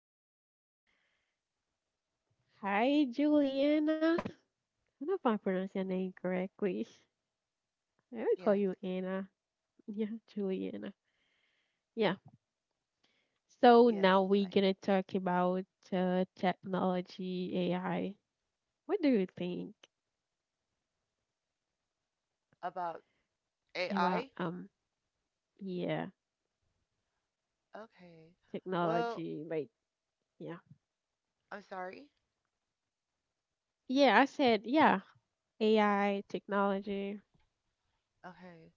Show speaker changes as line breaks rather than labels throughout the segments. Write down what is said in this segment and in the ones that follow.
back. Hi, Juliana. I don't know if I pronounced your name correctly. I would call
Yes.
you Anna. Yeah, Juliana. Yeah.
Yes.
So
My
now we're gonna talk about technology, AI. What do you think
about AI?
about yeah
Okay. Well,
technology? Like yeah,
I'm sorry.
yeah. I said yeah, AI technology.
Okay.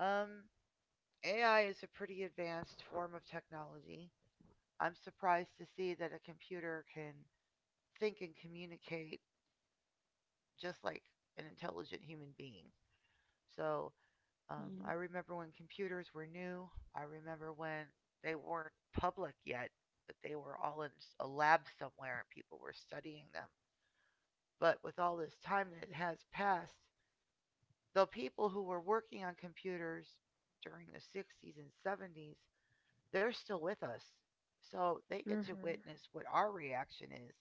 Um AI is a pretty advanced form of technology. I'm surprised to see that a computer can think and communicate just like an intelligent human being. So,
Yeah.
I remember when computers were new. I remember when they weren't public yet, but they were all in a lab somewhere and people were studying them. But with all this time that has passed, the people who were working on computers during the 60s and 70s, they're still with us. So they get to
Mhm.
witness what our reaction is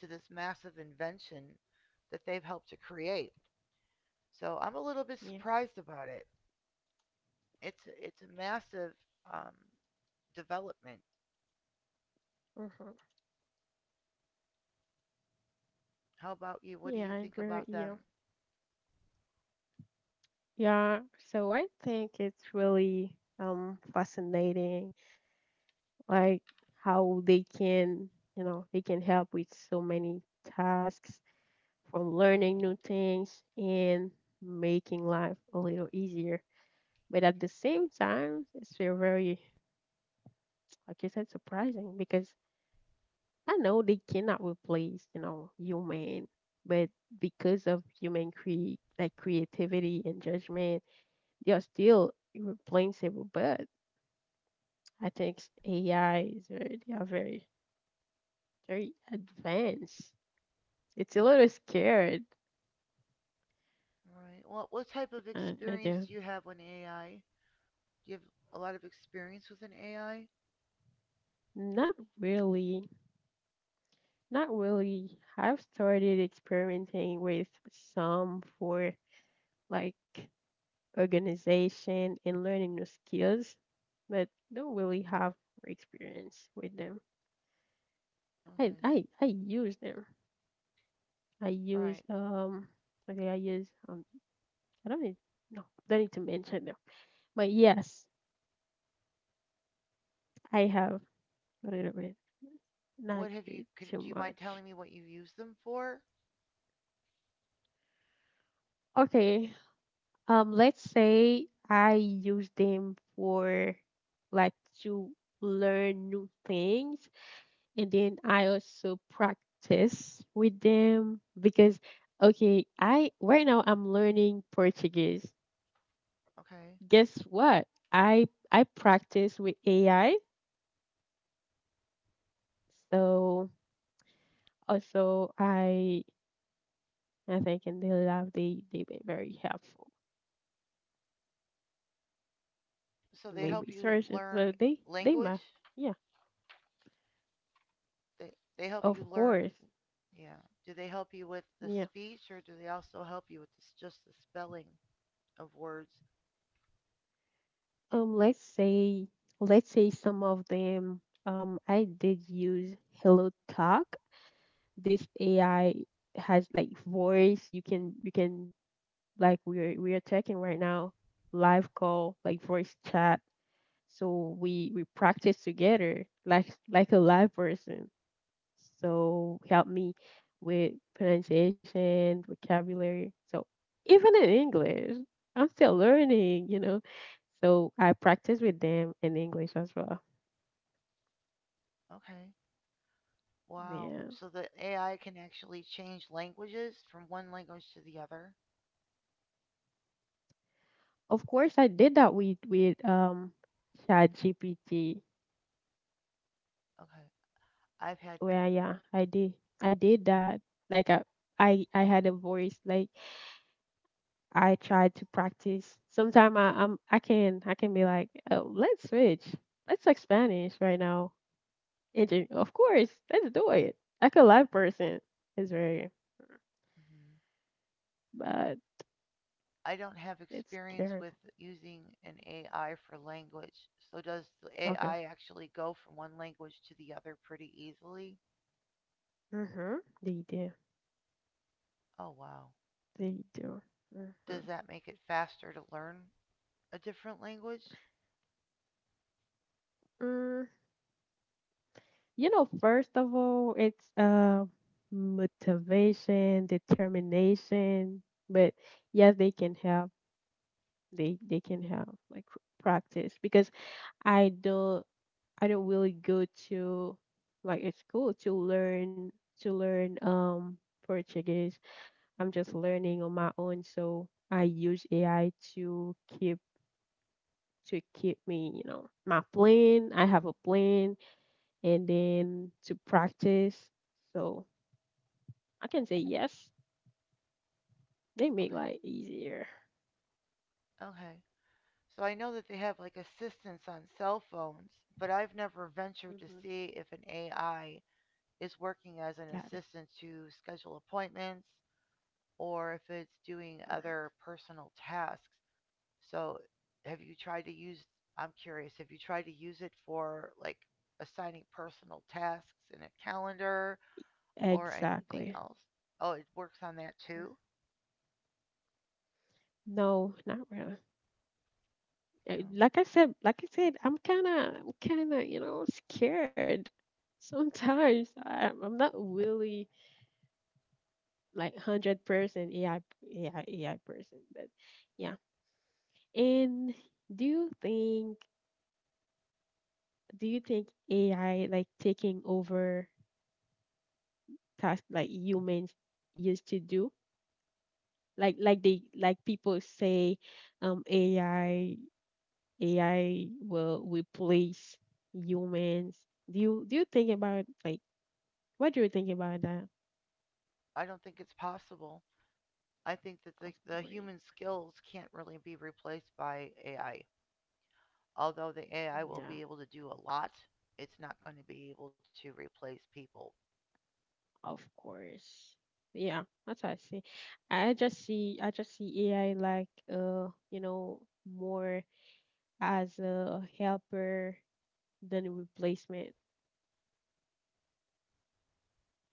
to this massive invention that they've helped to create. So I'm a little bit
Yeah.
surprised about it. It's a massive um, development.
Mhm.
How about you? What do you
Yeah, I
think
agree
about
with
them?
you. Yeah, so I think it's really fascinating, like how they can help with so many tasks, from learning new things and making life a little easier. But at the same time, it's still very, like you said, surprising because I know they cannot replace, human, but because of human creativity and judgment, they are still irreplaceable. But I think AI is very, they are very, very advanced. It's a little scared.
All right. Well, what type of
I
experience
do.
do you have with AI? Do you have a lot of experience with an AI?
Not really. Not really. I've started experimenting with some for like organization and learning new skills, but don't really have experience with them. I
Okay.
I I use them. I
All right.
use Okay. I don't need no. Don't need to mention them. But yes, I have a little bit.
What
Not
have you?
great
Could
too
do you mind telling
much.
me what you use them for?
Okay. Let's say I use them for like to learn new things, and then I also practice with them because, okay, I right now I'm learning Portuguese.
Okay.
Guess what? I practice with AI, so also I think in their lab they been very helpful.
So they
Maybe
help you
research it.
learn
So they
language.
might. Yeah,
They they help you
of course.
learn. Yeah. Do they help you with the
Yeah.
speech, or do they also help you with this, just the spelling of words?
Let's say some of them. I did use Hello Talk. This AI has like voice. You can like we are talking right now, live call like voice chat. So we practice together like a live person, so help me with pronunciation, vocabulary. So even in English, I'm still learning, you know. So I practice with them in English as well.
Okay. Wow.
Yeah.
So the AI can actually change languages from one language to the other.
Of course, I did that with ChatGPT.
Okay. I've had.
Well, yeah, I did. I did that. Like I had a voice. Like I tried to practice. Sometimes I can be like, oh, let's switch. Let's talk Spanish right now. And then, of course, let's do it. Like a live person. It's very
Mhm.
but
I don't have
it's
experience
scary.
with using an AI for language. So does the
Okay.
AI actually go from one language to the other pretty easily?
Mm-hmm. They do.
Oh, wow.
They do. Mm-hmm.
Does that make it faster to learn a different language?
Mm. You know, first of all, it's motivation, determination, but yes, they can help. They can help like practice because I don't I don't really go to like a school to learn to learn um Portuguese. I'm just learning on my own, so I use AI to keep me, you know, my plan. I have a plan, and then to practice. So I can say yes. They make
Okay.
life easier.
Okay. So I know that they have like assistance on cell phones, but I've never ventured to
Mm-hmm.
see if an AI is working as an
Got it.
assistant to schedule appointments or if it's doing other personal tasks. So, have you tried to use? I'm curious. Have you tried to use it for like assigning personal tasks in a calendar or anything
Exactly.
else? Oh, it works on that too.
No, not really.
No,
Like I said, I'm kind of, scared. Sometimes I'm not really like 100% AI, person, but yeah. And do you think, AI like taking over tasks like humans used to do? Like they like people say um AI AI will replace humans. Do you think about like what do you think about that?
I don't think it's possible. I think that
Of
the
course.
human skills can't really be replaced by AI. Although the AI will
Yeah,
be able to do a lot, it's not going to be able to replace people.
of course. Yeah, that's what I see. I just see AI like more as a helper than a replacement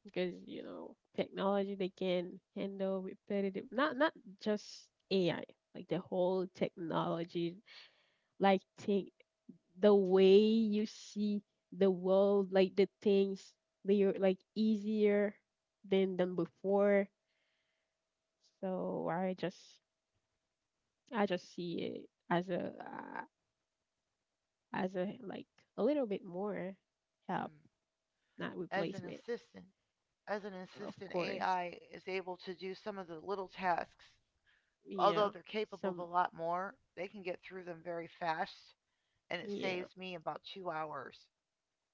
because technology they can handle repetitive, not just AI, like the whole technology like thing, the way you see the world, like the things they are like easier than before. So I just see it as a as a like a little bit more
Hmm.
help, not
As an
replacement.
assistant, as an
Of
assistant,
course.
AI is able to do some of the little tasks, although
Yeah,
they're capable of a
some.
lot more. They can get through them very fast, and it
Yeah,
saves me about 2 hours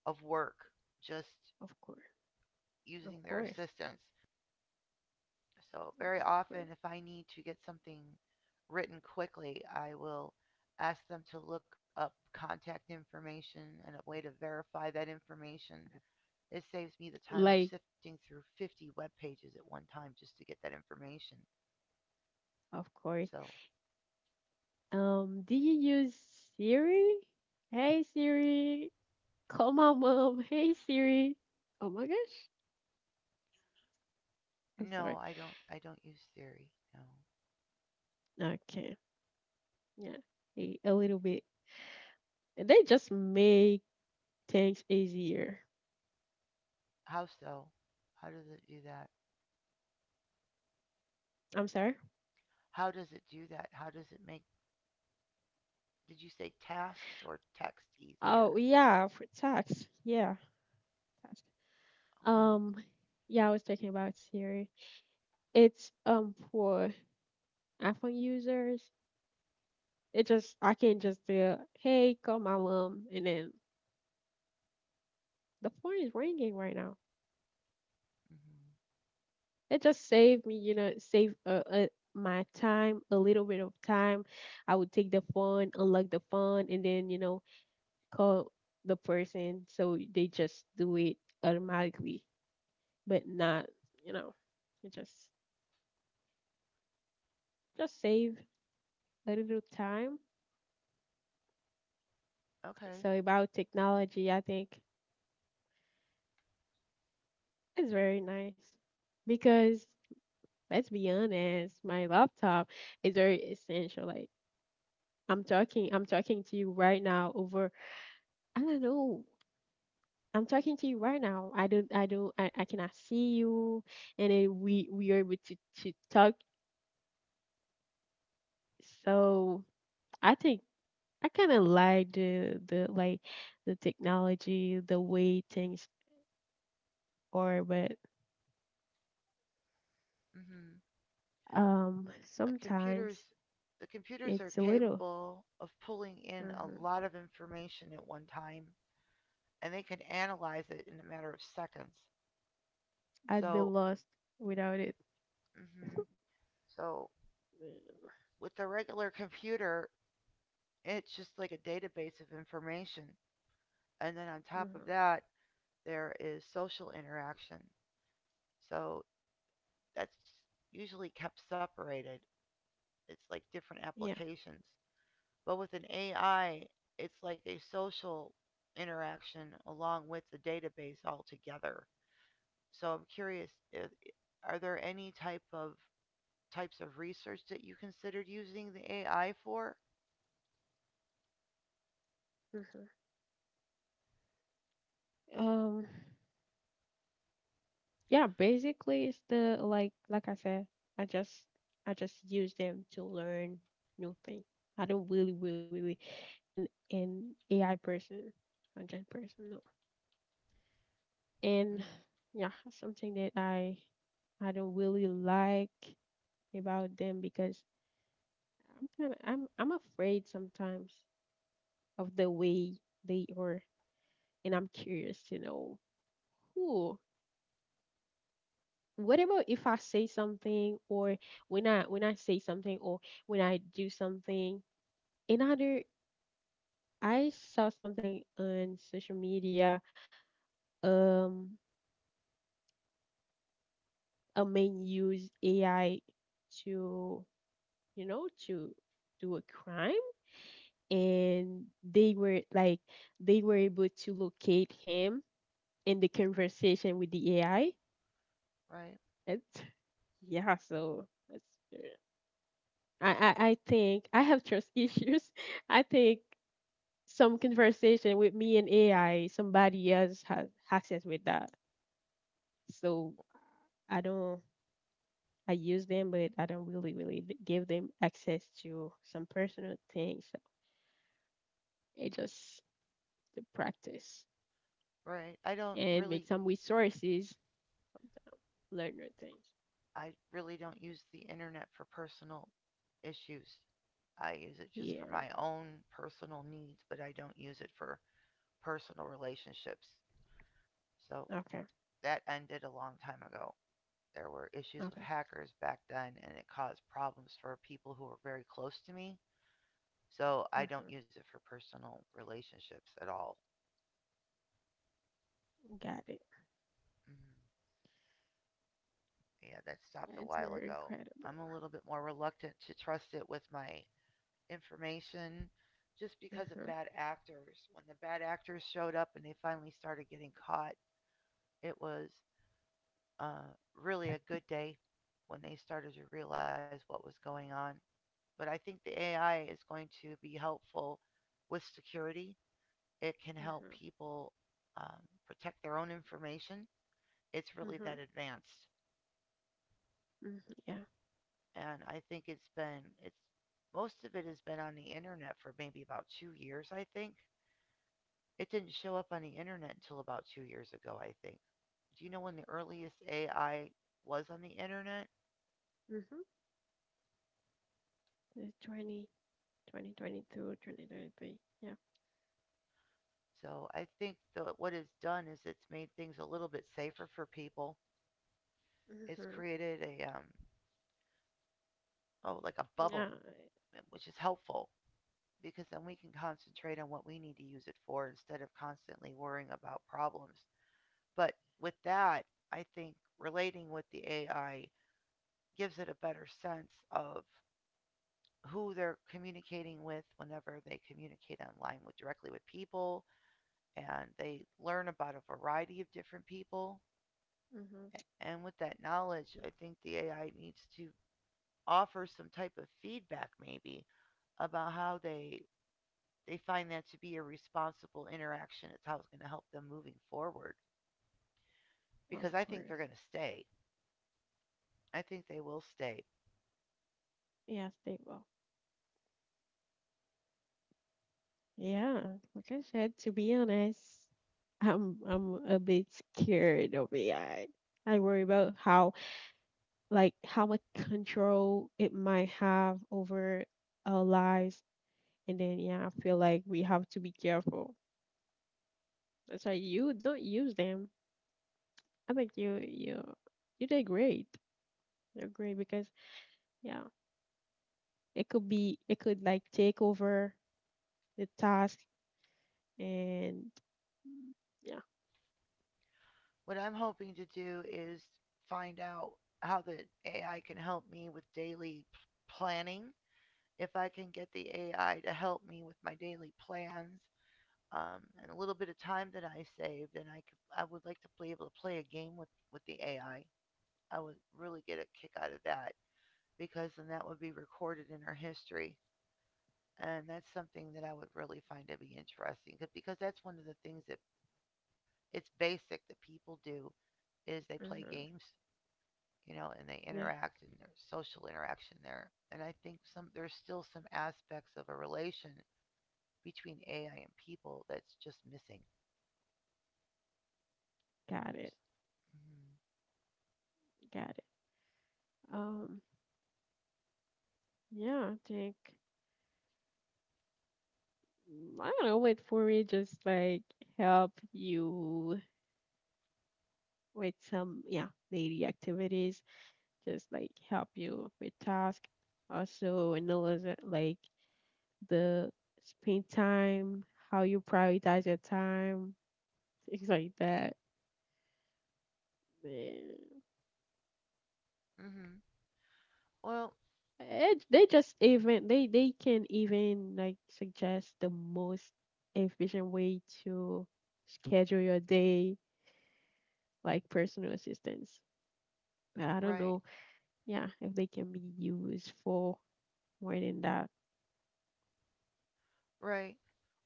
of work just
of course,
using
of
their
course,
assistance. So, very
of
often,
course.
if I need to get something written quickly, I will ask them to look up contact information and a way to verify that information. It saves me the time of
Like,
sifting through 50 web pages at one time just to get that information.
of course.
So,
Do you use Siri? Hey Siri, call my mom. Hey Siri. Oh my gosh, I'm sorry.
no, I don't use Siri. No.
Okay, yeah, a little bit. They just make things easier.
How so? How does it do that?
I'm sorry.
How does it do that? How does it make, did you say tasks or text
Oh
easier?
yeah, for tax. Yeah, tax.
Okay.
Um, yeah, I was talking about Siri. It's for iPhone users. It just I can't just say, "Hey, call my mom," and then the phone is ringing right now.
Hmm.
It just saved me, save, my time, a little bit of time. I would take the phone, unlock the phone, and then call the person, so they just do it automatically, but not, you know, it just save a little time.
Okay.
So about technology, I think it's very nice because let's be honest, my laptop is very essential. Like I'm talking to you right now over, I don't know. I'm talking to you right now. I don't, I don't, I cannot see you, and then we are able to talk. So I think I kind of like the technology, the way things are, but
Hmm. The
sometimes
computers, the computers are
it's a little.
capable of pulling in a
Mhm.
lot of information at one time, and they can analyze it in a matter of seconds.
I'd be
So,
lost without it.
hmm so with the regular computer, it's just like a database of information. And then on top of
Mhm.
that, there is social interaction. So that's usually kept separated. It's like different
Yeah.
applications. But with an AI, it's like a social interaction along with the database altogether. So I'm curious, if, are there any type of types of research that you considered using the AI for?
Mhm. Um, yeah, basically it's the like I said, I just I just use them to learn new things. I don't really really really an AI person, content person, no. And
Hmm.
yeah, something that I don't really like about them, because I'm afraid sometimes of the way they are, and I'm curious to know who what about if I say something, or when I say something, or when I do something. Another, I saw something on social media, um a man used AI to to do a crime, and they were like they were able to locate him in the conversation with the AI.
Right,
That's yeah so that's I, I think I have trust issues. I think some conversation with me and AI, somebody else has access with that. So I don't, I use them, but I don't really, really give them access to some personal things. So it's just the practice
right. I don't
and
really.
make some resources, sometime learn new things.
I really don't use the internet for personal issues. I use it just for
Yeah.
my own personal needs, but I don't use it for personal relationships. So
Okay.
that ended a long time ago. There were issues with
Okay.
hackers back then, and it caused problems for people who were very close to me. So I don't
Hmm.
use it for personal relationships at all.
Got it.
Mm, yeah, that
Yeah,
stopped a
it's
while
very
ago.
incredible.
I'm a little bit more reluctant to trust it with my information just because of
Mm-hmm.
bad actors. When the bad actors showed up and they finally started getting caught, it was uh, really a good day when they started to realize what was going on. But I think the AI is going to be helpful with security. It can help
Mm-hmm.
people um, protect their own information. It's really
Mm-hmm.
that advanced,
Mm-hmm. Yeah.
and I think it's been it's most of it has been on the internet for maybe about 2 years, I think. It didn't show up on the internet until about 2 years ago, I think. Do you know when the earliest AI was on the internet?
Mm-hmm. 20, 2022.
So I think what it's done is it's made things a little bit safer for people. It's
Mm-hmm.
created a oh, like a
Yeah.
bubble, which is helpful, because then we can concentrate on what we need to use it for instead of constantly worrying about problems. But with that, I think relating with the AI gives it a better sense of who they're communicating with whenever they communicate online with directly with people, and they learn about a variety of different people.
Mm-hmm.
And with that knowledge, I think the AI needs to offer some type of feedback, maybe about how they find that to be a responsible interaction. It's how it's going to help them moving forward, because
Of
I think they're
course.
going to stay. I think they will stay.
Yes, they will. Yeah. Like I said, to be honest, I'm a bit scared of AI. I worry about how much control it might have over our lives, and then yeah, I feel like we have to be careful. That's why you don't use them. I think you did great. You're great because yeah, it could like take over the task, and yeah,
What I'm hoping to do is find out how the AI can help me with daily planning. If I can get the AI to help me with my daily plans, and a little bit of time that I saved, and I could, I would like to be able to play a game with the AI. I would really get a kick out of that, because then that would be recorded in our history, and that's something that I would really find to be interesting because that's one of the things that it's basic that people do is they play
hmm
games, you know, and
yeah,
they interact, and there's social interaction there. And I think some there's still some aspects of a relation between AI and people that's just missing.
got it,
Mm-hmm.
got it. Um, yeah, I think, I don't know. Wait for me, just like help you with some daily activities, just like help you with task. Also, analyze it, like the spend time, how you prioritize your time, things like that.
Mm-hmm. Well,
It, they just even they can even like suggest the most efficient way to schedule your day, like personal assistance. But I don't know,
right,
yeah, if they can be used for more than that.
right.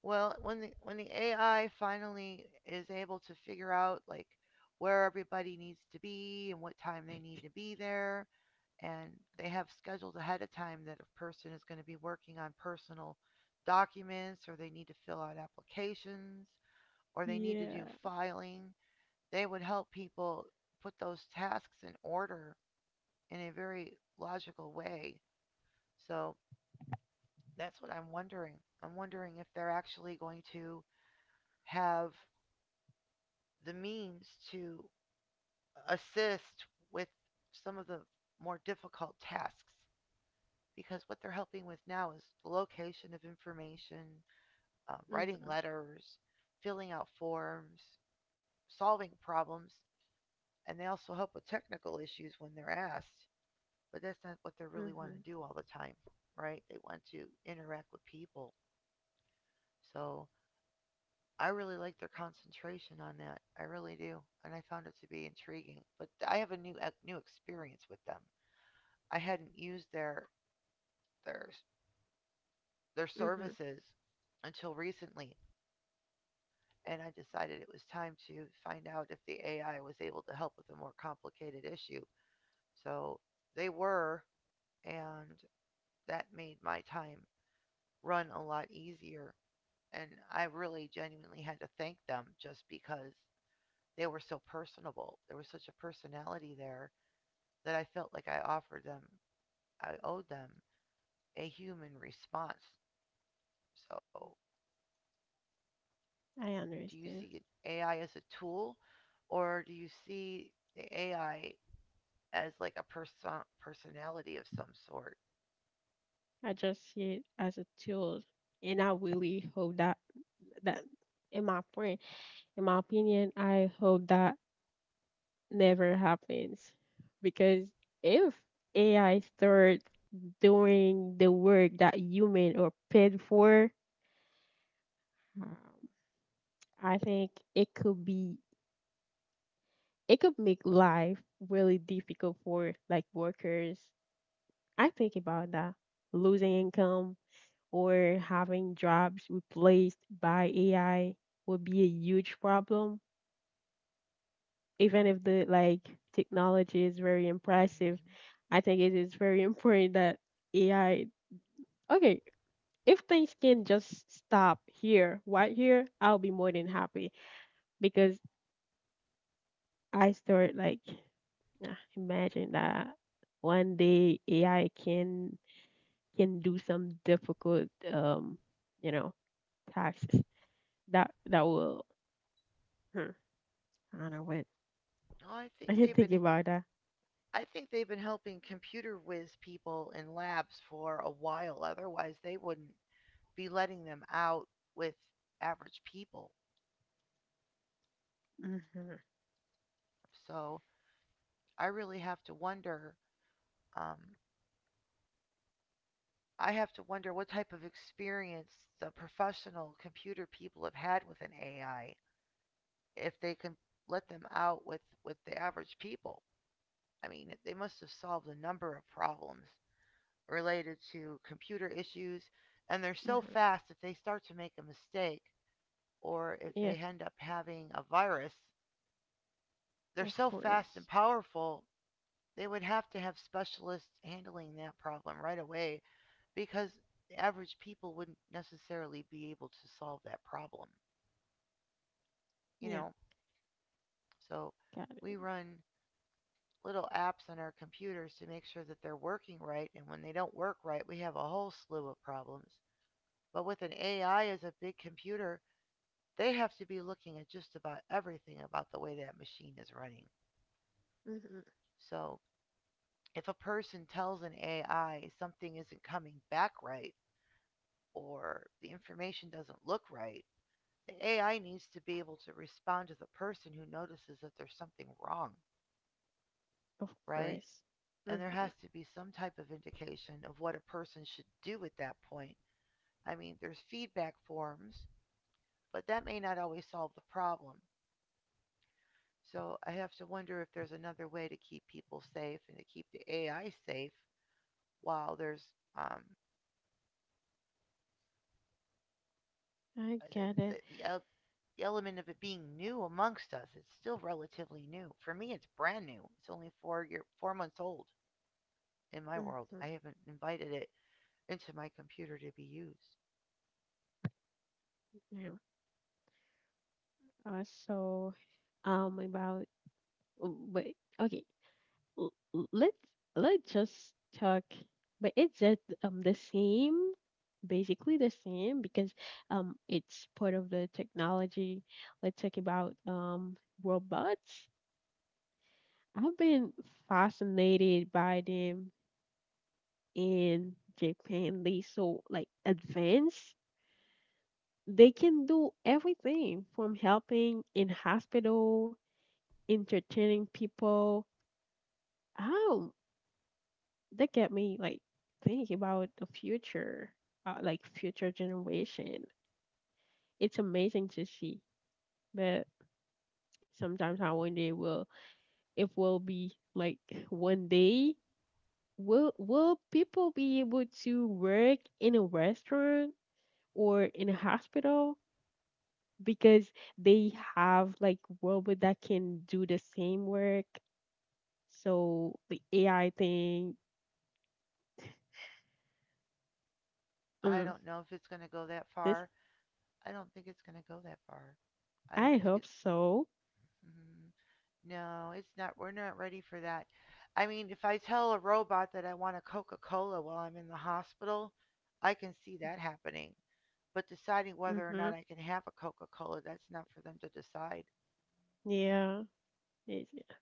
Well, when the AI finally is able to figure out like where everybody needs to be and what time they need to be there, and they have scheduled ahead of time that a person is going to be working on personal documents or they need to fill out applications or they need to do
Yeah.
filing, they would help people put those tasks in order in a very logical way. So that's what I'm wondering. I'm wondering if they're actually going to have the means to assist with some of the more difficult tasks, because what they're helping with now is the location of information, writing
Mhm.
letters, filling out forms, solving problems, and they also help with technical issues when they're asked. But that's not what they really want
Mhm.
to do all the time, right? They want to interact with people. So I really like their concentration on that. I really do, and I found it to be intriguing. But I have a new experience with them. I hadn't used their their
Mhm.
services until recently, and I decided it was time to find out if the AI was able to help with a more complicated issue. So they were, and that made my time run a lot easier. And I really genuinely had to thank them just because they were so personable. There was such a personality there that I felt like I offered them, I owed them a human response. So,
I
do you see
understand.
AI as a tool, or do you see the AI as like a person personality of some sort?
I just see it as a tool, and I really hope that that in my point, in my opinion, I hope that never happens, because if AI start doing the work that human are paid for, um, I think it could be, it could make life really difficult for like workers. I think about that, losing income or having jobs replaced by AI would be a huge problem. Even if the like technology is very impressive,
Mm-hmm.
I think it is very important that AI. Okay, if things can just stop here, right here, I'll be more than happy, because I start like, nah, imagine that one day AI can do some difficult, you know, taxes. That will, hmm, I don't know what.
Oh, I think
I can
they've
think
been
about that.
I think they've been helping computer whiz people in labs for a while. Otherwise, they wouldn't be letting them out with average people.
Hmm.
So, I really have to wonder. Um, I have to wonder what type of experience the professional computer people have had with an AI, if they can let them out with the average people. I mean, they must have solved a number of problems related to computer issues, and they're so
Hmm.
fast if they start to make a mistake or if they
Yeah,
end up having a virus. They're
of
so fast
course.
and powerful, they would have to have specialists handling that problem right away, because the average people wouldn't necessarily be able to solve that problem, you
Yeah,
know? So
got it.
we run little apps on our computers to make sure that they're working right, and when they don't work right, we have a whole slew of problems. But with an AI as a big computer, they have to be looking at just about everything about the way that machine is running.
Hmm.
So if a person tells an AI something isn't coming back right, or the information doesn't look right, the AI needs to be able to respond to the person who notices that there's something wrong,
Of
right?
course. Hmm.
And there has to be some type of indication of what a person should do at that point. I mean, there's feedback forms, but that may not always solve the problem. So I have to wonder if there's another way to keep people safe and to keep the AI safe while there's um,
I get it.
the element of it being new amongst us. It's still relatively new. For me, it's brand new. It's only 4 months old in my world.
Hmm.
I haven't invited it into my computer to be used.
Yeah. So. About but okay l- l- let's just talk, but it's just the same, basically the same, because it's part of the technology. Let's talk about robots. I've been fascinated by them. In Japan, they so like advanced, they can do everything from helping in hospital, entertaining people. Oh, that get me like think about the future, like future generation. It's amazing to see, but sometimes I wonder will if we'll be like one day will people be able to work in a restaurant or in a hospital, because they have like robot that can do the same work. So the AI thing,
I
mm,
don't know if it's going to go that
this
far. I don't think it's going to go that far. I don't
I
think it.
hope so.
Mm, no, it's not. We're not ready for that. I mean, if I tell a robot that I want a Coca Cola while I'm in the hospital, I can see that happening. But deciding whether or not
Mhm.
I can have a Coca Cola, that's not for them to decide.
Yeah. It's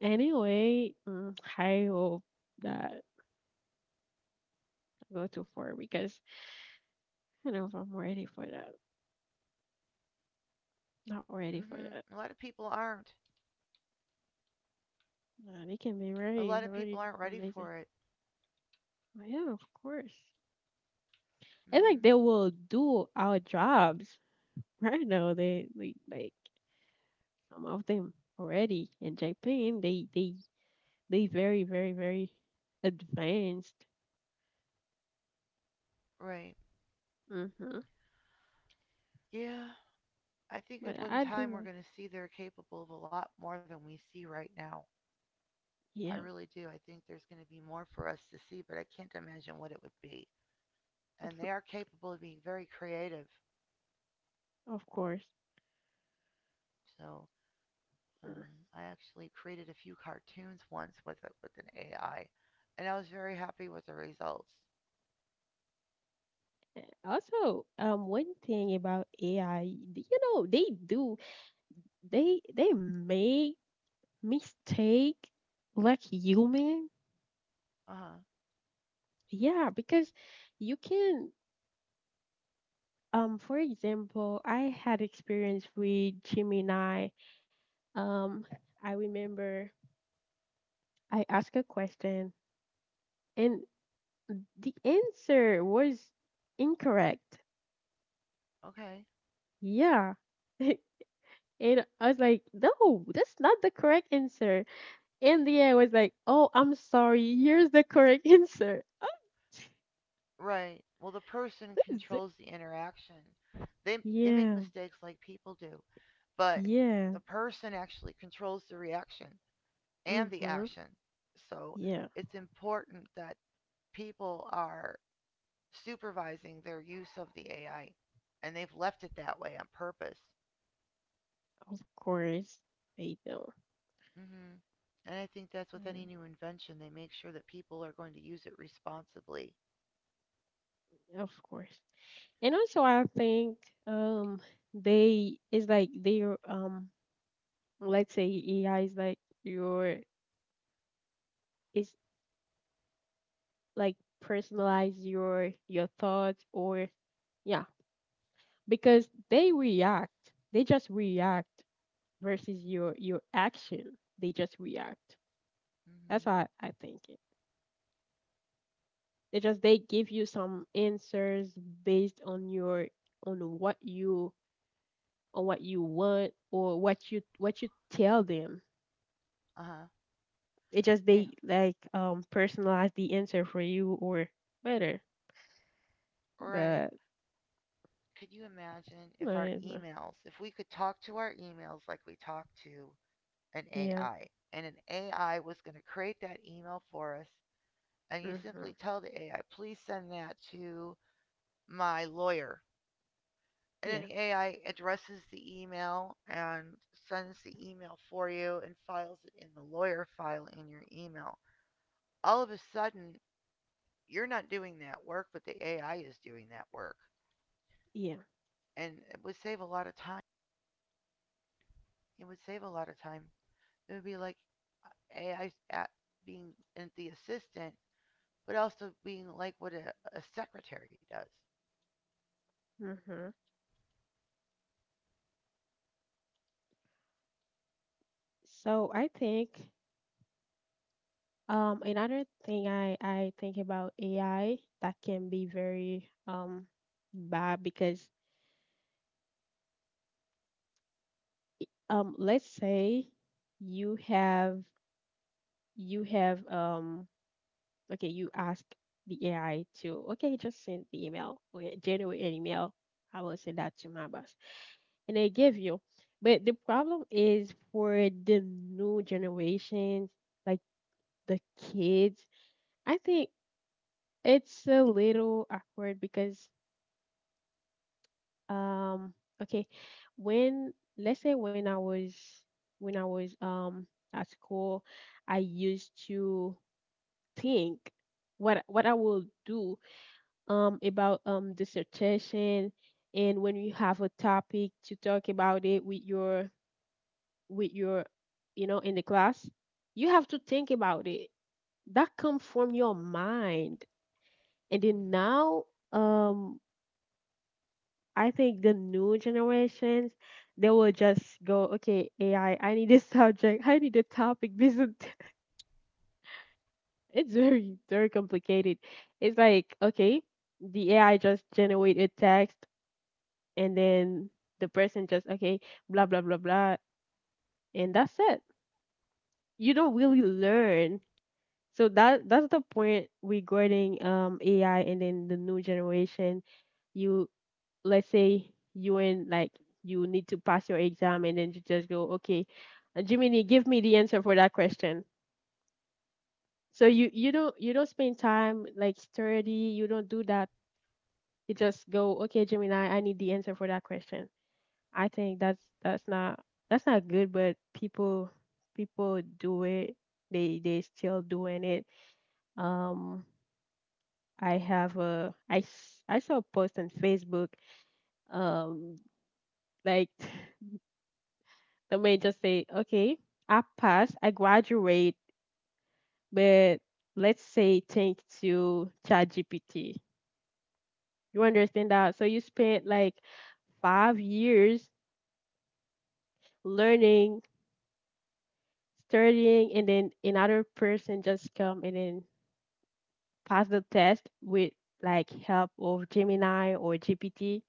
Anyway, I hope that I go too far because I don't know if I'm ready for that. Not
Hmm
ready
A
for
lot of
that.
people aren't.
And it can
A
be
lot of
very,
people aren't
very
ready for it.
amazing. But yeah, of course. And
Hmm
like they will do our jobs right now. They like some of them already in Japan. They very very very advanced.
Right.
Mhm.
Yeah. I think
But
at one
I do
time we're
like
going to see they're capable of a lot more than we see right now. I
yeah,
really do. I think there's going to be more for us to see, but I can't imagine what it would be. And they are capable of being very creative.
of course.
So
Mm.
I actually created a few cartoons once with an AI, and I was very happy with the results.
And also, one thing about AI, they do they make mistake like human.
Uh huh.
Yeah, because you can for example, I had experience with Gemini. Um, I remember I asked a question and the answer was incorrect.
Okay.
Yeah. And I was like, no, that's not the correct answer. In the end, I was like, oh, I'm sorry. Here's the correct answer.
Right. Well, the person controls the interaction. They make
Yeah,
mistakes like people do, but the
yeah,
person actually controls the reaction and the
mm-hmm,
action. So
yeah,
it's important that people are supervising their use of the AI, and they've left it that way on purpose.
of course they do,
Hmm And I think that's with any new
uh,
invention, they make sure that people are going to use it responsibly.
of course. And also, I think um they is like their let's say AI is like your is like personalize your thoughts or yeah because they react, they just react versus your action. They just react.
Hmm
That's how I think it. They just they give you some answers based on your on what you on what you want or what you tell them.
Uh huh.
It just
Yeah.
they like personalize the answer for you or better.
Right.
But
Could you imagine if our
yeah,
emails, if we could talk to our emails like we talk to an
yeah,
AI, and an AI was going to create that email for us, and you simply
mhm,
tell the AI, please send that to my lawyer. And then
yeah,
the AI addresses the email and sends the email for you and files it in the lawyer file in your email. All of a sudden, you're not doing that work, but the AI is doing that work.
yeah,
And it would save a lot of time. It would save a lot of time. It would be like AI being the assistant, but also being like what a secretary does.
mhm. So I think another thing I think about AI that can be very bad because let's say you have you have okay you ask the AI to okay just send the email okay generate an email I will send that to my boss and they give you but the problem is for the new generations like the kids I think it's a little awkward because Um, okay. When let's say when I was at school, I used to think what I will do about dissertation and when you have a topic to talk about it with your you know in the class, you have to think about it. That come from your mind. And then
Mm-hmm.
now um I think the new generations, they will just go, okay, AI, I need a subject, I need a topic. This is, it's very, very complicated. It's like, okay, the AI just generate a text and then the person just, okay, blah, blah, blah, blah. And that's it. You don't really learn. So that's the point regarding AI and then the new generation. You let's say you in like you need to pass your exam and then you just go okay Jiminy give me the answer for that question so you don't spend time like study you don't do that you just go okay Jiminy. I need the answer for that question I think that's not that's not good but people people do it they still doing it um I have a I saw a post on Facebook um like they may just say, okay, I passed, I graduate, but let's say thanks to ChatGPT. You understand that? So you spent like 5 years learning, studying, and then another person just come and then pass the test with like help of Gemini or GPT.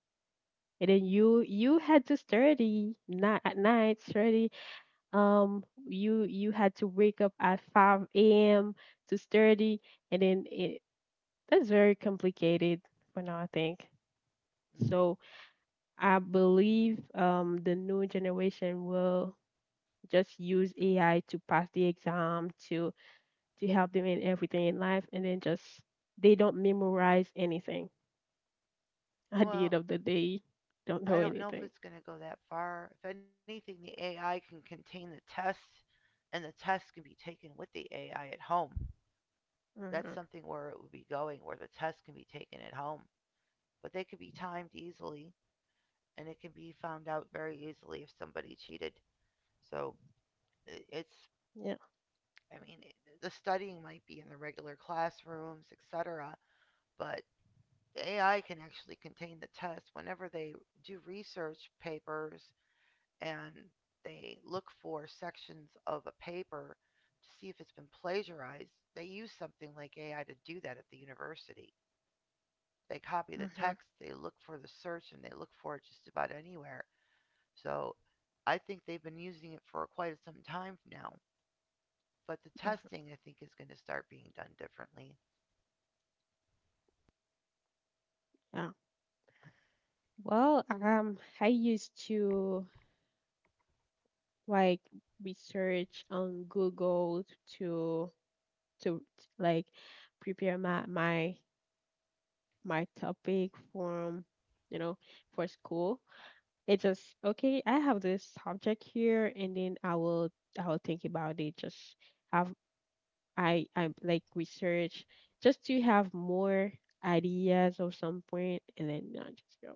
And then you had to study not at night, study you you had to wake up at 5 a.m. to study and then it that's very complicated for now I think.
Mm.
So I believe the new generation will just use AI to pass the exam to help them in everything in life and then just they don't memorize anything. At the end
Well,
of the day, don't know
I don't know if
anything.
it's going to go that far. If anything, the AI can contain the tests, and the tests can be taken with the AI at home. That's
Mm-hmm.
something where it would be going, where the tests can be taken at home. But they could be timed easily, and it can be found out very easily if somebody cheated. So it's,
Yeah.
I mean, the studying might be in the regular classrooms, etc., but the AI can actually contain the tests. Whenever they do research papers and they look for sections of a paper to see if it's been plagiarized, they use something like AI to do that at the university. They copy the
Mm-hmm.
text, they look for the search, and they look for it just about anywhere. So I think they've been using it for quite some time now. But the
Mm-hmm.
testing, I think, is going to start being done differently.
Yeah. Well, I used to like research on Google to to like prepare my my topic for you know for school. It just okay. I have this subject here, and then I will think about it. Just have I like research just to have more ideas or some point, and then I just go.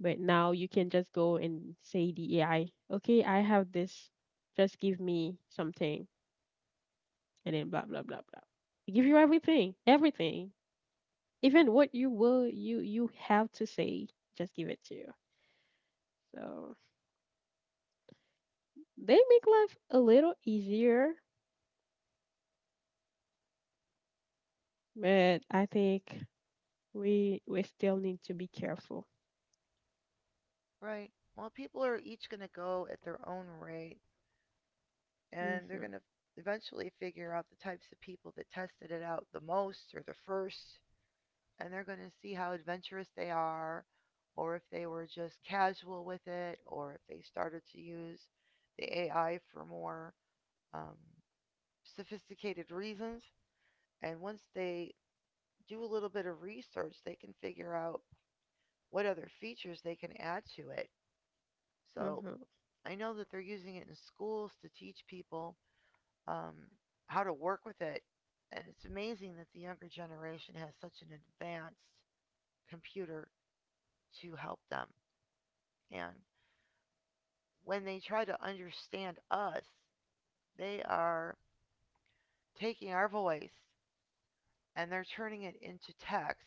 But now you can just go and say the AI, okay, I have this, just give me something, and then blah blah blah blah. They give you everything, everything, even what you will you have to say, just give it to you. So they make life a little easier, but I think we still need to be careful.
Right. Well, people are each going to go at their own rate, and they're
Mhm,
going to eventually figure out the types of people that tested it out the most or the first, and they're going to see how adventurous they are, or if they were just casual with it, or if they started to use the AI for more um, sophisticated reasons. And once they do a little bit of research, they can figure out what other features they can add to it. So
mhm,
I know that they're using it in schools to teach people um, how to work with it. And it's amazing that the younger generation has such an advanced computer to help them. And when they try to understand us, they are taking our voice and they're turning it into text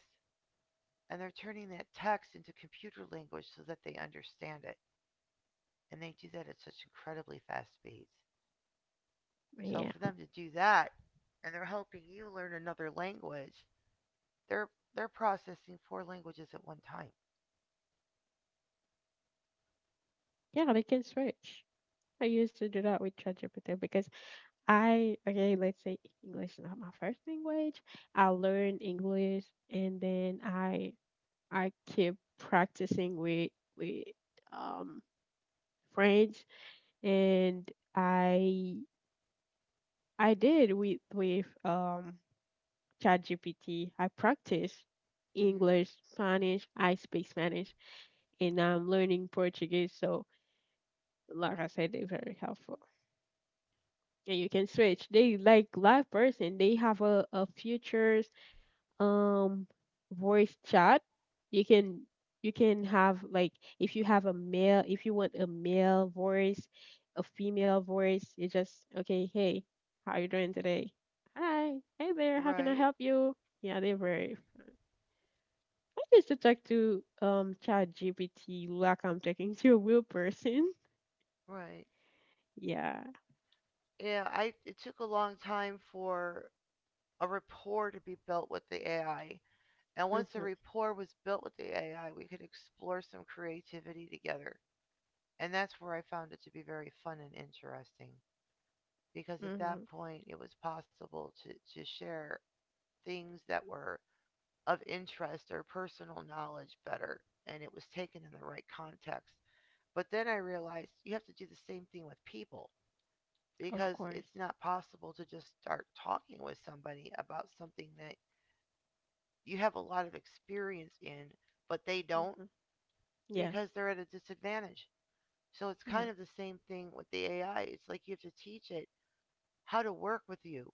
and they're turning that text into computer language so that they understand it. And they do that at such incredibly fast speeds. So
yeah,
for them to do that and they're helping you learn another language, they're they're processing four languages at one time.
yeah, they can switch. I used to do that with ChatGPT because I okay, let's say English is not my first language. I learned English and then I keep practicing with um French and I I did with ChatGPT. I practice
Hmm
English, Spanish, I speak Spanish and I'm learning Portuguese, so like I said, they're very helpful and you can switch. They like live person. They have a future um voice chat you can you can have like if you have a male if you want a male voice a female voice you just okay hey how are you doing today hi hey there how can I
Right,
help you yeah they were I used to talk to chat gpt like I'm talking to a real person.
right.
Yeah,
Yeah, I it took a long time for a rapport to be built with the AI. And once a
mm-hmm,
rapport was built with the AI, we could explore some creativity together. And that's where I found it to be very fun and interesting because at
mm-hmm,
that point it was possible to share things that were of interest or personal knowledge better and it was taken in the right context. But then I realized you have to do the same thing with people
of
because
course,
it's not possible to just start talking with somebody about something that you have a lot of experience in, but they don't
mm-hmm, yes,
because they're at a disadvantage. So it's
yeah,
kind of the same thing with the AI. It's like you have to teach it how to work with you.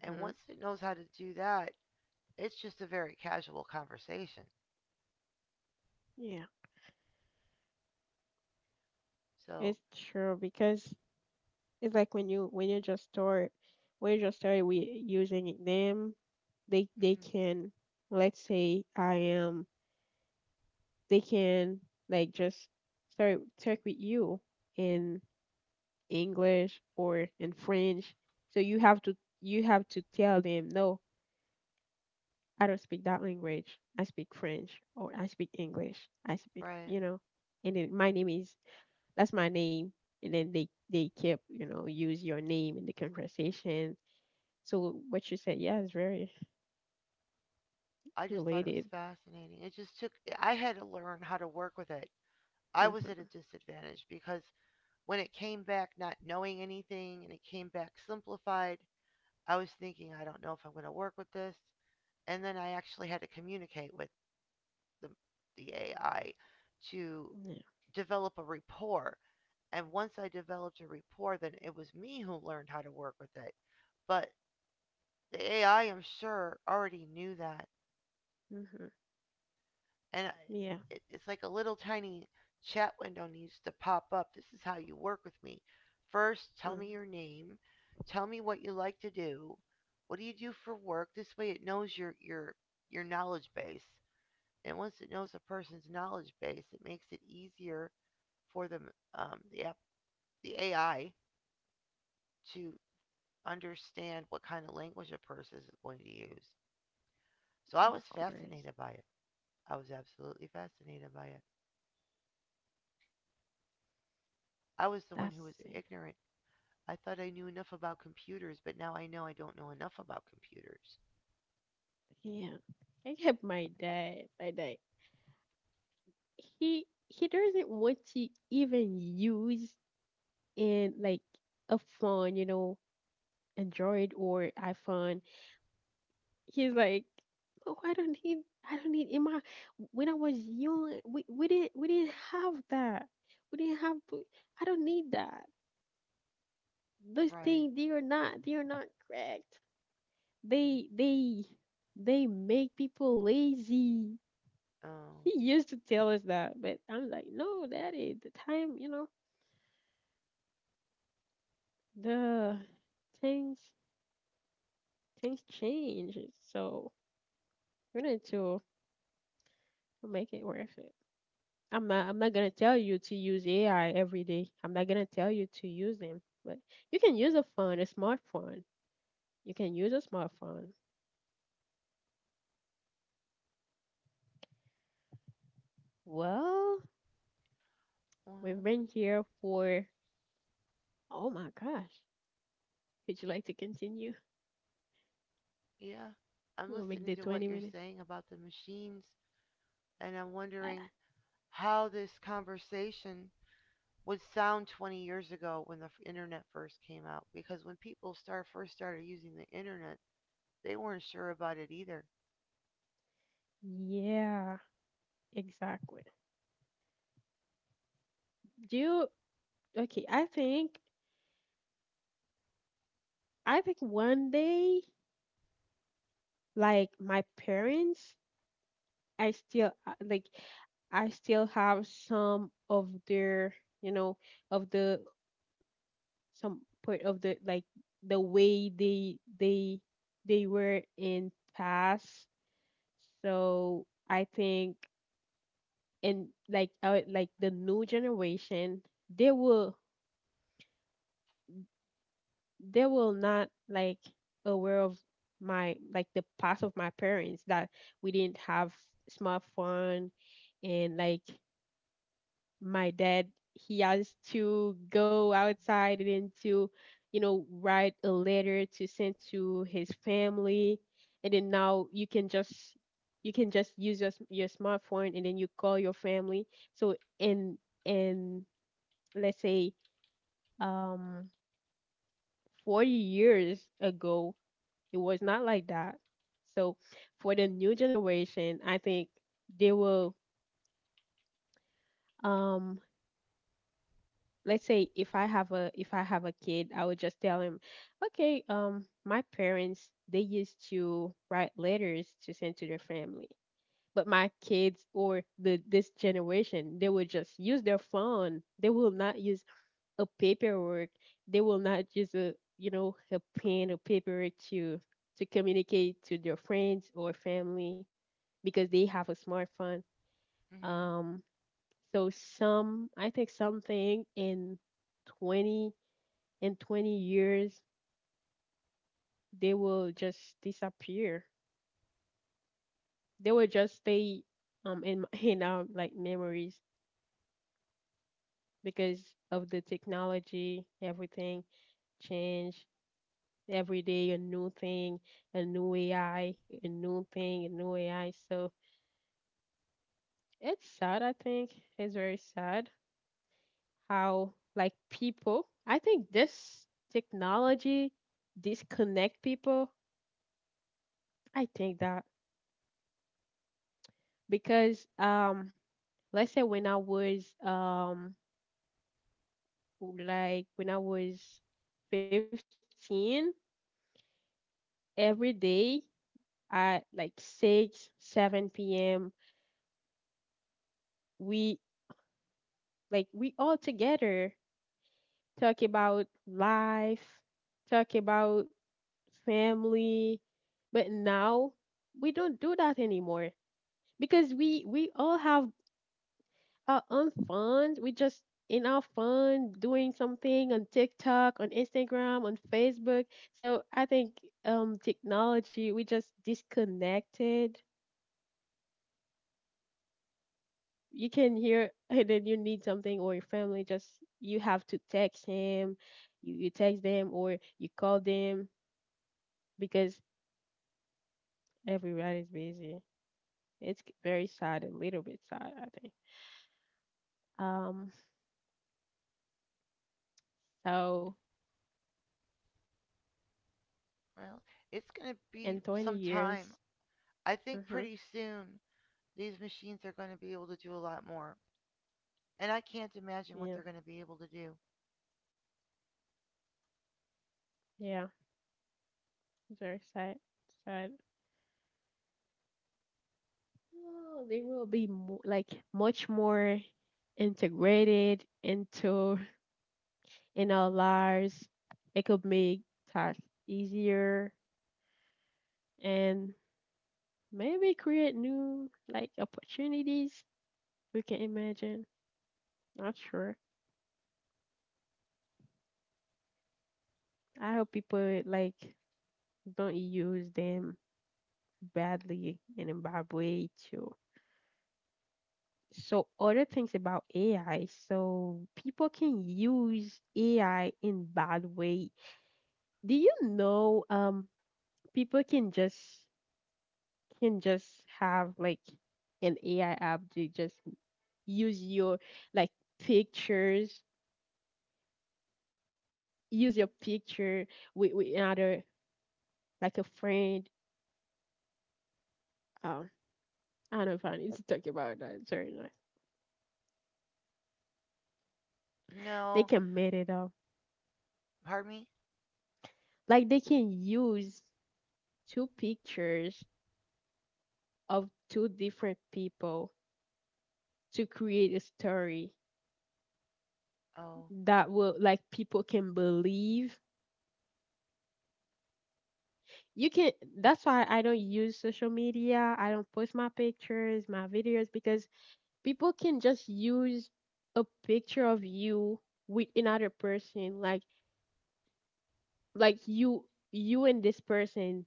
And once it knows how to do that, it's just a very casual conversation.
yeah
So,
it's true because it's like when you just start when you just start with using them, they
mhm,
can let's say I am they can like just start talk with you in English or in French. So you have to tell them no, I don't speak that language. I speak French or I speak English. I speak
right.
you know, and then my name is that's my name. And then they keep you know use your name in the conversation. So what you said, yeah, is very
I just thought it was
related.
fascinating. It just took, I had to learn how to work with it. I was at a
Hmm.
disadvantage because when it came back not knowing anything and it came back simplified, I was thinking, I don't know if I'm going to work with this. And then I actually had to communicate with the, the AI to
Yeah.
develop a rapport. And once I developed a rapport, then it was me who learned how to work with it. But the AI, I'm sure, already knew that.
Hmm.
And
Yeah.
it, it's like a little tiny chat window needs to pop up. This is how you work with me. First, tell
Mm.
me your name. Tell me what you like to do. What do you do for work? This way, it knows your your knowledge base. And once it knows a person's knowledge base, it makes it easier for the app, the AI to understand what kind of language a person is going to use. So
Of
I was
course.
fascinated by it. I was absolutely fascinated by it. I was the one who
That's
was
it.
ignorant. I thought I knew enough about computers, but now I know I don't know enough about computers.
Yeah. I have my dad. My dad. He doesn't want to even use in like a phone, you know, Android or iPhone. He's like, oh, I don't need. I don't need in my when I was young, we didn't have that. We didn't have. I don't need that. Those
Right.
things they are not correct they they they make people lazy.
Oh.
He used to tell us that but I'm like no daddy the time you know the things things change so we need to make it worth it. I'm not gonna tell you to use AI every day I'm not gonna tell you to use them but you can use a phone a smartphone you can use a smartphone well we've
Well,
been here for oh my gosh. Would you like to continue?
yeah. I'm
We'll make the
listening to
20
what you're
minutes.
saying about the machines, and I'm
Uh,
wondering how this conversation was sound 20 years ago when the internet first came out because when people start first started using the internet, they weren't sure about it either.
Yeah, exactly. Do you, okay, I think one day, like my parents, I still, like, I still have some of their, you know, of the, some part of the, like, the way they were in past. So I think, and like the new generation, they will they will not like aware of my like the past of my parents that we didn't have smartphone and like my dad he has to go outside and to you know write a letter to send to his family and then now you can just use your your smartphone and then you call your family so in let's say um 40 years ago it was not like that. So for the new generation, I think they will um let's say if I have a if I have a kid, I would just tell him, "Okay, my parents they used to write letters to send to their family." But my kids or the this generation, they will just use their phone. They will not use a paperwork. They will not use a you know a pen or paper to communicate to their friends or family, because they have a smartphone.
Hmm
Um, so some, I think something in 20 in 20 years they will just disappear. They will just stay in in our like memories because of the technology. Everything change every day, a new thing, a new AI, a new thing, a new AI. So it's sad. I think it's very sad how like people I think this technology disconnect people I think that because let's say when I was like when I was 15 every day at like 6-7 p.m. we like we all together talk about life talk about family but now we don't do that anymore because we all have our own fun. We just in our fun doing something on TikTok, on Instagram, on Facebook. So I think technology we just disconnected. You can hear and then you need something or your family just you have to text him, you text them or you call them because everybody is busy. It's very sad, a little bit sad, I think. Um so
Well, it's going to
in
be
20
some time.
years...
I think
hmm
pretty soon these machines are going to be able to do a lot more. And I can't imagine what
yeah.
they're going to be able to do.
Yeah, it's very sad. Sad. Oh, they will be mo like much more integrated into in our lives. It could make tasks easier and maybe create new like opportunities we can imagine. Not sure. I hope people like don't use them badly, in a bad way too. So other things about AI, so people can use AI in bad way. Do you know people can just have like an AI app to just use your like pictures, use your picture with another like a friend. Um I don't know if I need to talk about that, sorry. No. They
No,
can made it up.
pardon me?
Like they can use two pictures of two different people to create a story
Oh,
that will like people can believe. You can That's why I don't use social media. I don't post my pictures, my videos because people can just use a picture of you with another person, like you, you and this person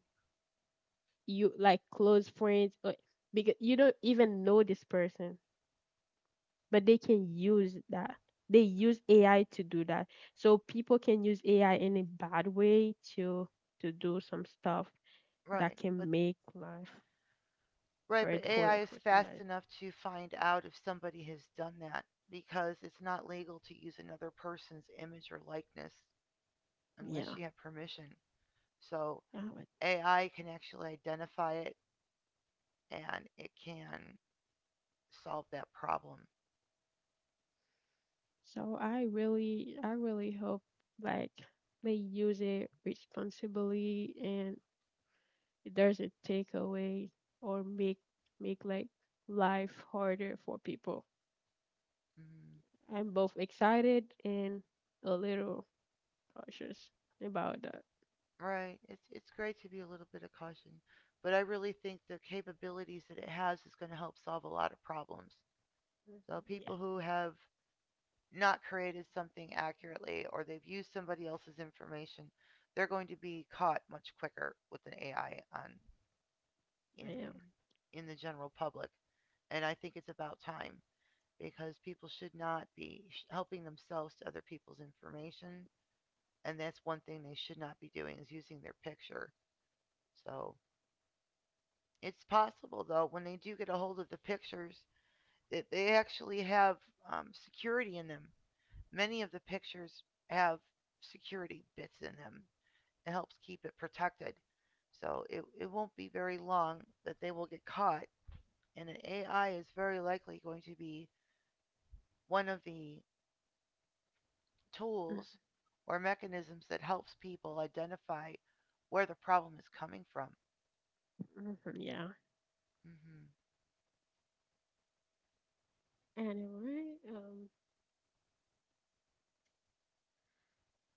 you like close friends, or because you don't even know this person but they can use that. They use AI to do that. So people can use AI in a bad way to do some stuff that
right. But
can make life
right, but
hard for
AI is
for
fast
somebody.
enough to find out if somebody has done that because it's not legal to use another person's image or likeness
Yeah.
unless you have permission. So
yeah. but-
AI can actually identify it and it can solve that problem.
So I really hope like they use it responsibly and it doesn't take away or make like life harder for people.
Mm,
I'm both excited and a little cautious about that.
right. It's great to be a little bit of caution, but I really think the capabilities that it has is going to help solve a lot of problems.
Mhm,
So
yeah,
people who have not created something accurately or they've used somebody else's information, they're going to be caught much quicker with an AI on
yeah,
in in the general public. And I think it's about time because people should not be helping themselves to other people's information. And that's one thing they should not be doing is using their picture. So it's possible, though, when they do get a hold of the pictures, that they actually have security in them. Many of the pictures have security bits in them. It helps keep it protected. So it won't be very long that they will get caught. And an AI is very likely going to be one of the tools or mechanisms that helps people identify where the problem is coming from.
mhm, mhm, yeah.
Hmm
Anyway,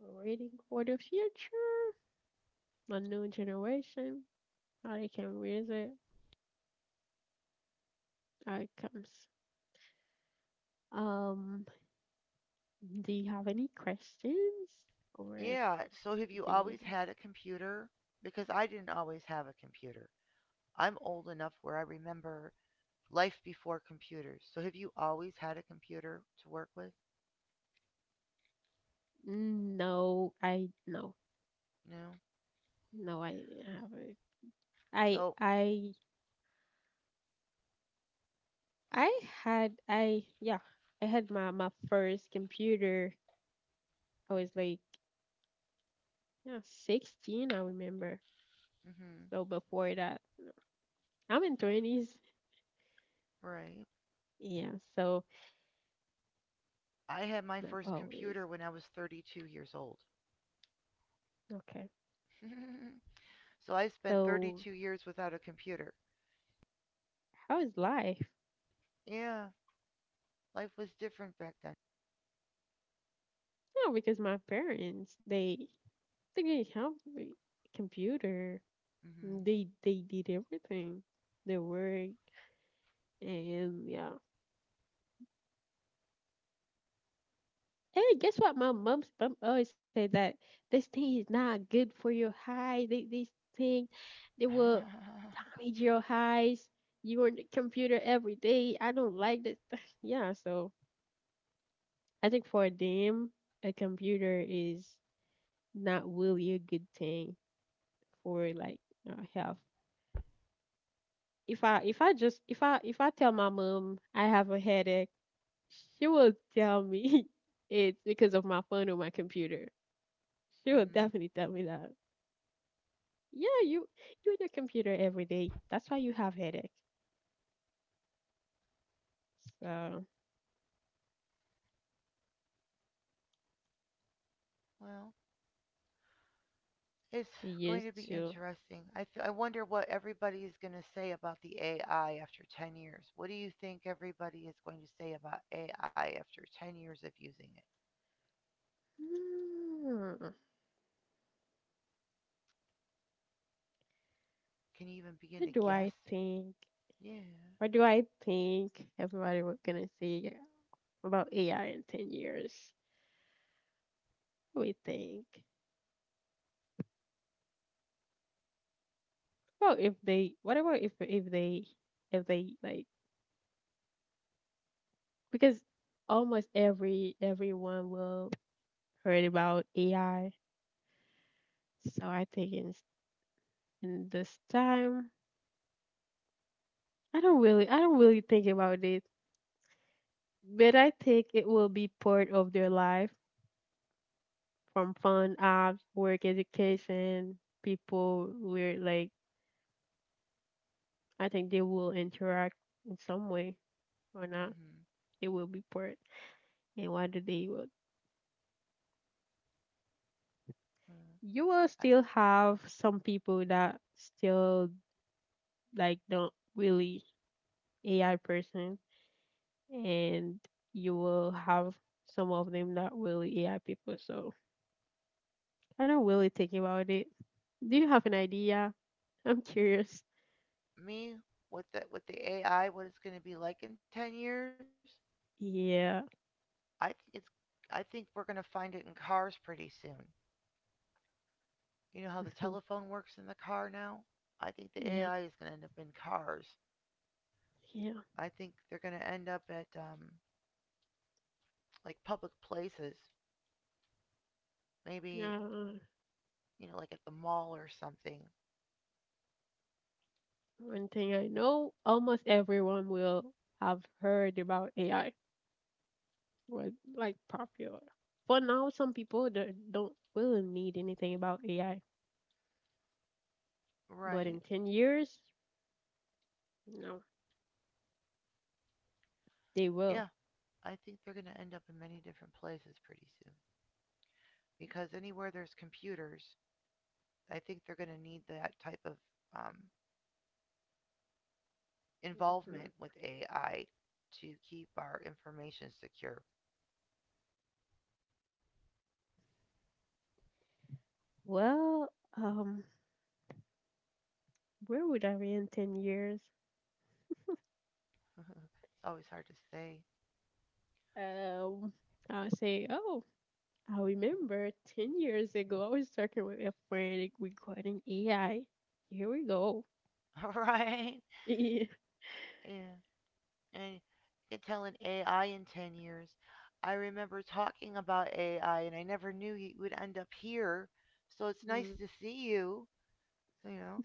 we're waiting for the future, a new generation, how they can raise it, how it comes. Um, do you have any questions, or
Yeah. So have you
do you
always
like?
had a computer? Because I didn't always have a computer. I'm old enough where I remember life before computers. So have you always had a computer to work with?
No, I no,
No.
no, I didn't have it. I
So,
I I had I yeah, I had my first computer. I was like yeah, 16, I remember.
hmm
So before that. I'm in 20s.
right.
Yeah, so
I had my
not
first
always.
computer when I was 32 years old.
Okay.
So I spent
So
32 years without a computer.
how is life?
Yeah, life was different back then.
No, because my parents, they didn't help me. Computer,
Hmm
they did everything. They work and yeah. Hey, guess what? My mom's Mom always say that this thing is not good for your eyes. This thing, they will damage your eyes. You on the computer every day. I don't like this. Yeah, so I think for them, a computer is not really a good thing for like health. If I tell my mom I have a headache, she will tell me it's because of my phone or my computer. She will
hmm
definitely tell me that. Yeah, you on your computer every day. That's why you have headache. So
Well, it's
we
going
used
to be
to.
interesting. I wonder what everybody is going to say about the AI after 10 years. What do you think everybody is going to say about AI after 10 years of using it?
Hmm,
Can you even begin to
what do
guess?
I think?
Yeah.
What do I think everybody was gonna say about AI in 10 years? What do we think? Well, if they, whatever, if they like, because almost every everyone will heard about AI. So I think in this time, I don't really think about it, but I think it will be part of their life, from fun apps, work, education. People where like, I think they will interact in some way or not.
hmm
It will be part. And what do they will
Uh,
You will
I,
still have some people that still like don't really AI person, and you will have some of them that really AI people. So I don't really think about it. Do you have an idea? I'm curious.
Me with the AI, what it's going to be like in 10 years?
Yeah,
I think it's I think we're going to find it in cars pretty soon. You know how the
hmm,
telephone works in the car now? I think the
yeah,
AI is going to end up in cars.
yeah.
I think they're going to end up at like public places, maybe,
Uh,
you know, like at the mall or something,
one thing I know, almost everyone will have heard about AI, was like popular. For now, some people don't really need anything about AI. But
right?
in 10 years, no. They will.
Yeah, I think they're going to end up in many different places pretty soon because anywhere there's computers, I think they're going to need that type of um,
Mhm.
involvement with AI to keep our information secure.
Well, um, where would I be in 10 years?
It's always hard to say,
Um, I would say, oh, I remember 10 years ago, I was talking with a friend regarding AI. Here we go.
right? Yeah. And you can tell an AI in 10 years. I remember talking about AI and I never knew you would end up here. So it's
Mm.
nice to see you. You know,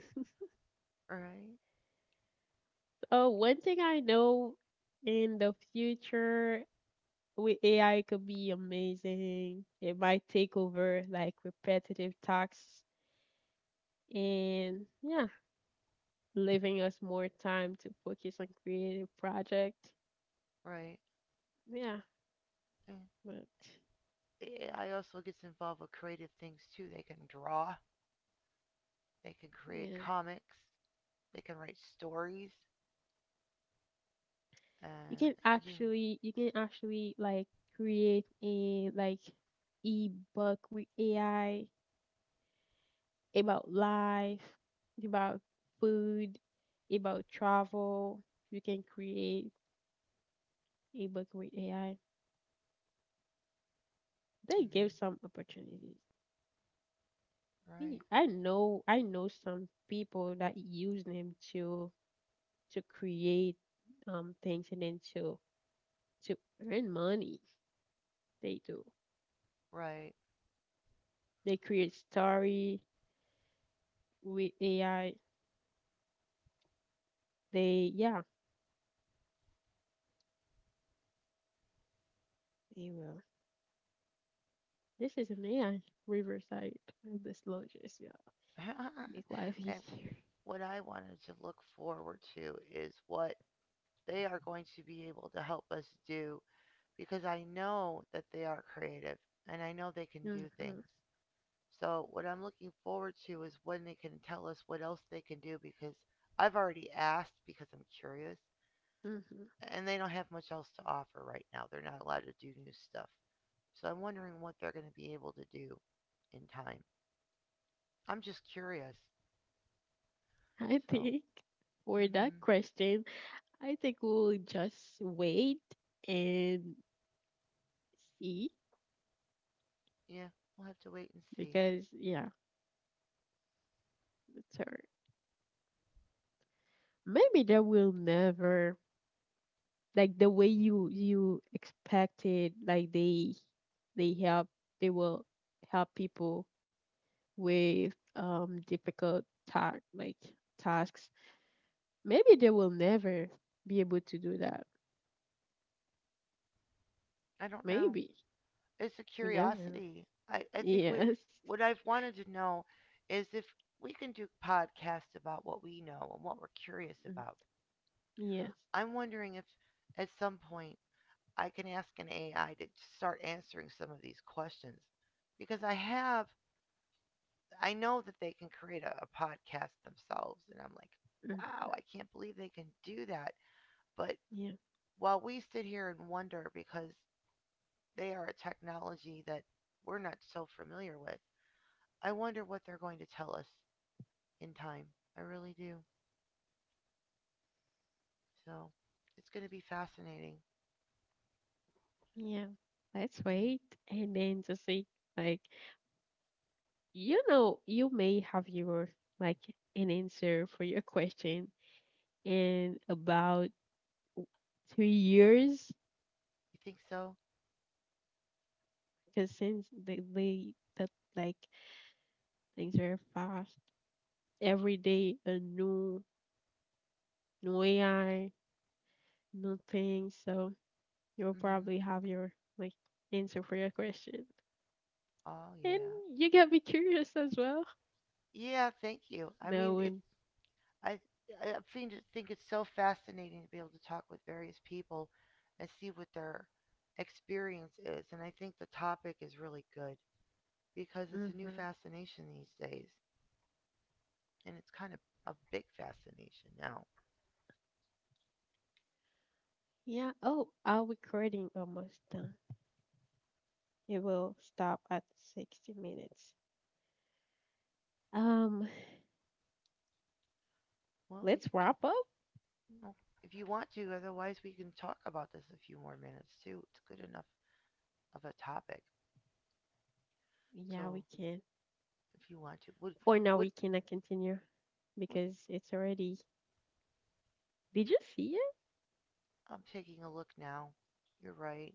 right?
Oh, one thing I know, in the future with AI could be amazing. It might take over like repetitive tasks. And yeah, leaving us more time to focus on creative project.
Right.
Yeah, but
The AI also gets involved with creative things too. They can draw, they can create
yeah,
comics, they can write stories, and they can do.
you can actually like create a like ebook with AI about life, about food, about travel. You can create a book with AI. They
Hmm
give some opportunities.
Right.
I know some people that use them to create things and then to earn money. They do.
Right.
They create story with AI. They yeah, they will. This is an AI Riverside of the lodges. Yeah, make life
And
easier.
what I wanted to look forward to is what they are going to be able to help us do because I know that they are creative and I know they can do
Mm-hmm,
things. So, what I'm looking forward to is when they can tell us what else they can do because I've already asked because I'm curious,
mm-hmm.
and they don't have much else to offer right now. They're not allowed to do new stuff. So, I'm wondering what they're going to be able to do in time. I'm just curious.
I
So,
think for that
mhm.
question, I think we'll just wait and see
Yeah, we'll have to wait and see.
because yeah, it's hard. Maybe they will never like the way you expected. Like they help they will help people with difficult ta- like tasks. Maybe they will never be able to do that.
I don't know.
Maybe.
It's a
We never know.
curiosity. I think we
Yes.
What I've wanted to know is if we can do podcasts about what we know and what we're curious
Mm,
about.
yes.
I'm wondering if at some point I can ask an AI to start answering some of these questions because I know that they can create a podcast themselves and I'm like,
Mm,
wow, I can't believe they can do that. But
yeah.
while we sit here and wonder because they are a technology that we're not so familiar with, I wonder what they're going to tell us in time. I really do. So it's going to be fascinating.
Yeah. Let's wait
Hmm
and then to see like, you know, you may have your like an answer for your question in about w- 3 years
You think so?
because since they that like things are fast. Every day, a new AI, new things. So you'll
Hmm
probably have your like answer for your question,
Oh
and
yeah.
you get me curious as well.
Yeah. Thank you. I mean, it's
Knowing,
I I think it's so fascinating to be able to talk with various people and see what their experience is, and I think the topic is really good because it's a new
mm-hmm.
fascination these days, and it's kind of a big fascination now.
Yeah. Oh, our recording almost done. It will stop at 60 minutes. Um,
Well, we
let's
can
wrap up.
Well, if you want to. Otherwise, we can talk about this a few more minutes too. It's good enough of a topic.
Yeah,
So,
we can.
if you want to, would
For now, we
would
cannot continue because it's already. Did you see it?
I'm taking a look now. You're right.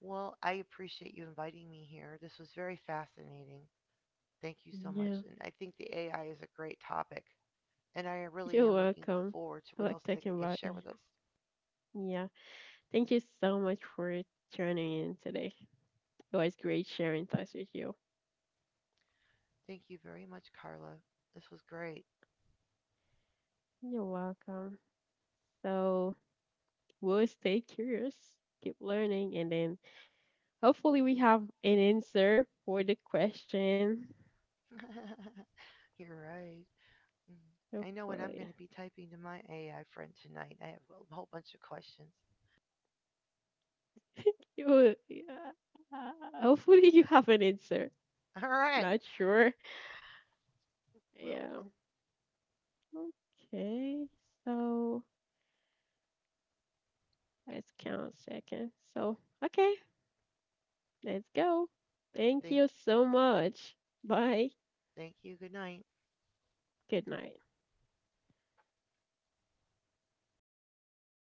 Well, I appreciate you inviting me here. This was very fascinating. Thank you so much.
Yeah.
And I think the AI is a great topic. And I really
You're
am looking
welcome.
forward to
I
what
like
else they
talking
can
about
share with
it.
us.
Yeah. Thank you so much for tuning in today. It was
Mm,
great sharing thoughts with you.
thank you very much, Carla. This was great.
You're welcome. So we'll stay curious, keep learning, and then hopefully we have an answer for the question.
You're right. Mhm. I know what I'm going
Hopefully.
to be typing to my AI friend tonight. I have a whole bunch of questions.
Yeah. Hopefully you have an answer.
All right.
Not sure.
Well,
Yeah. Okay. So let's count seconds. So okay, let's go. Thank
thank
you
you.
so much. Bye.
Thank you. Good night.
Good night.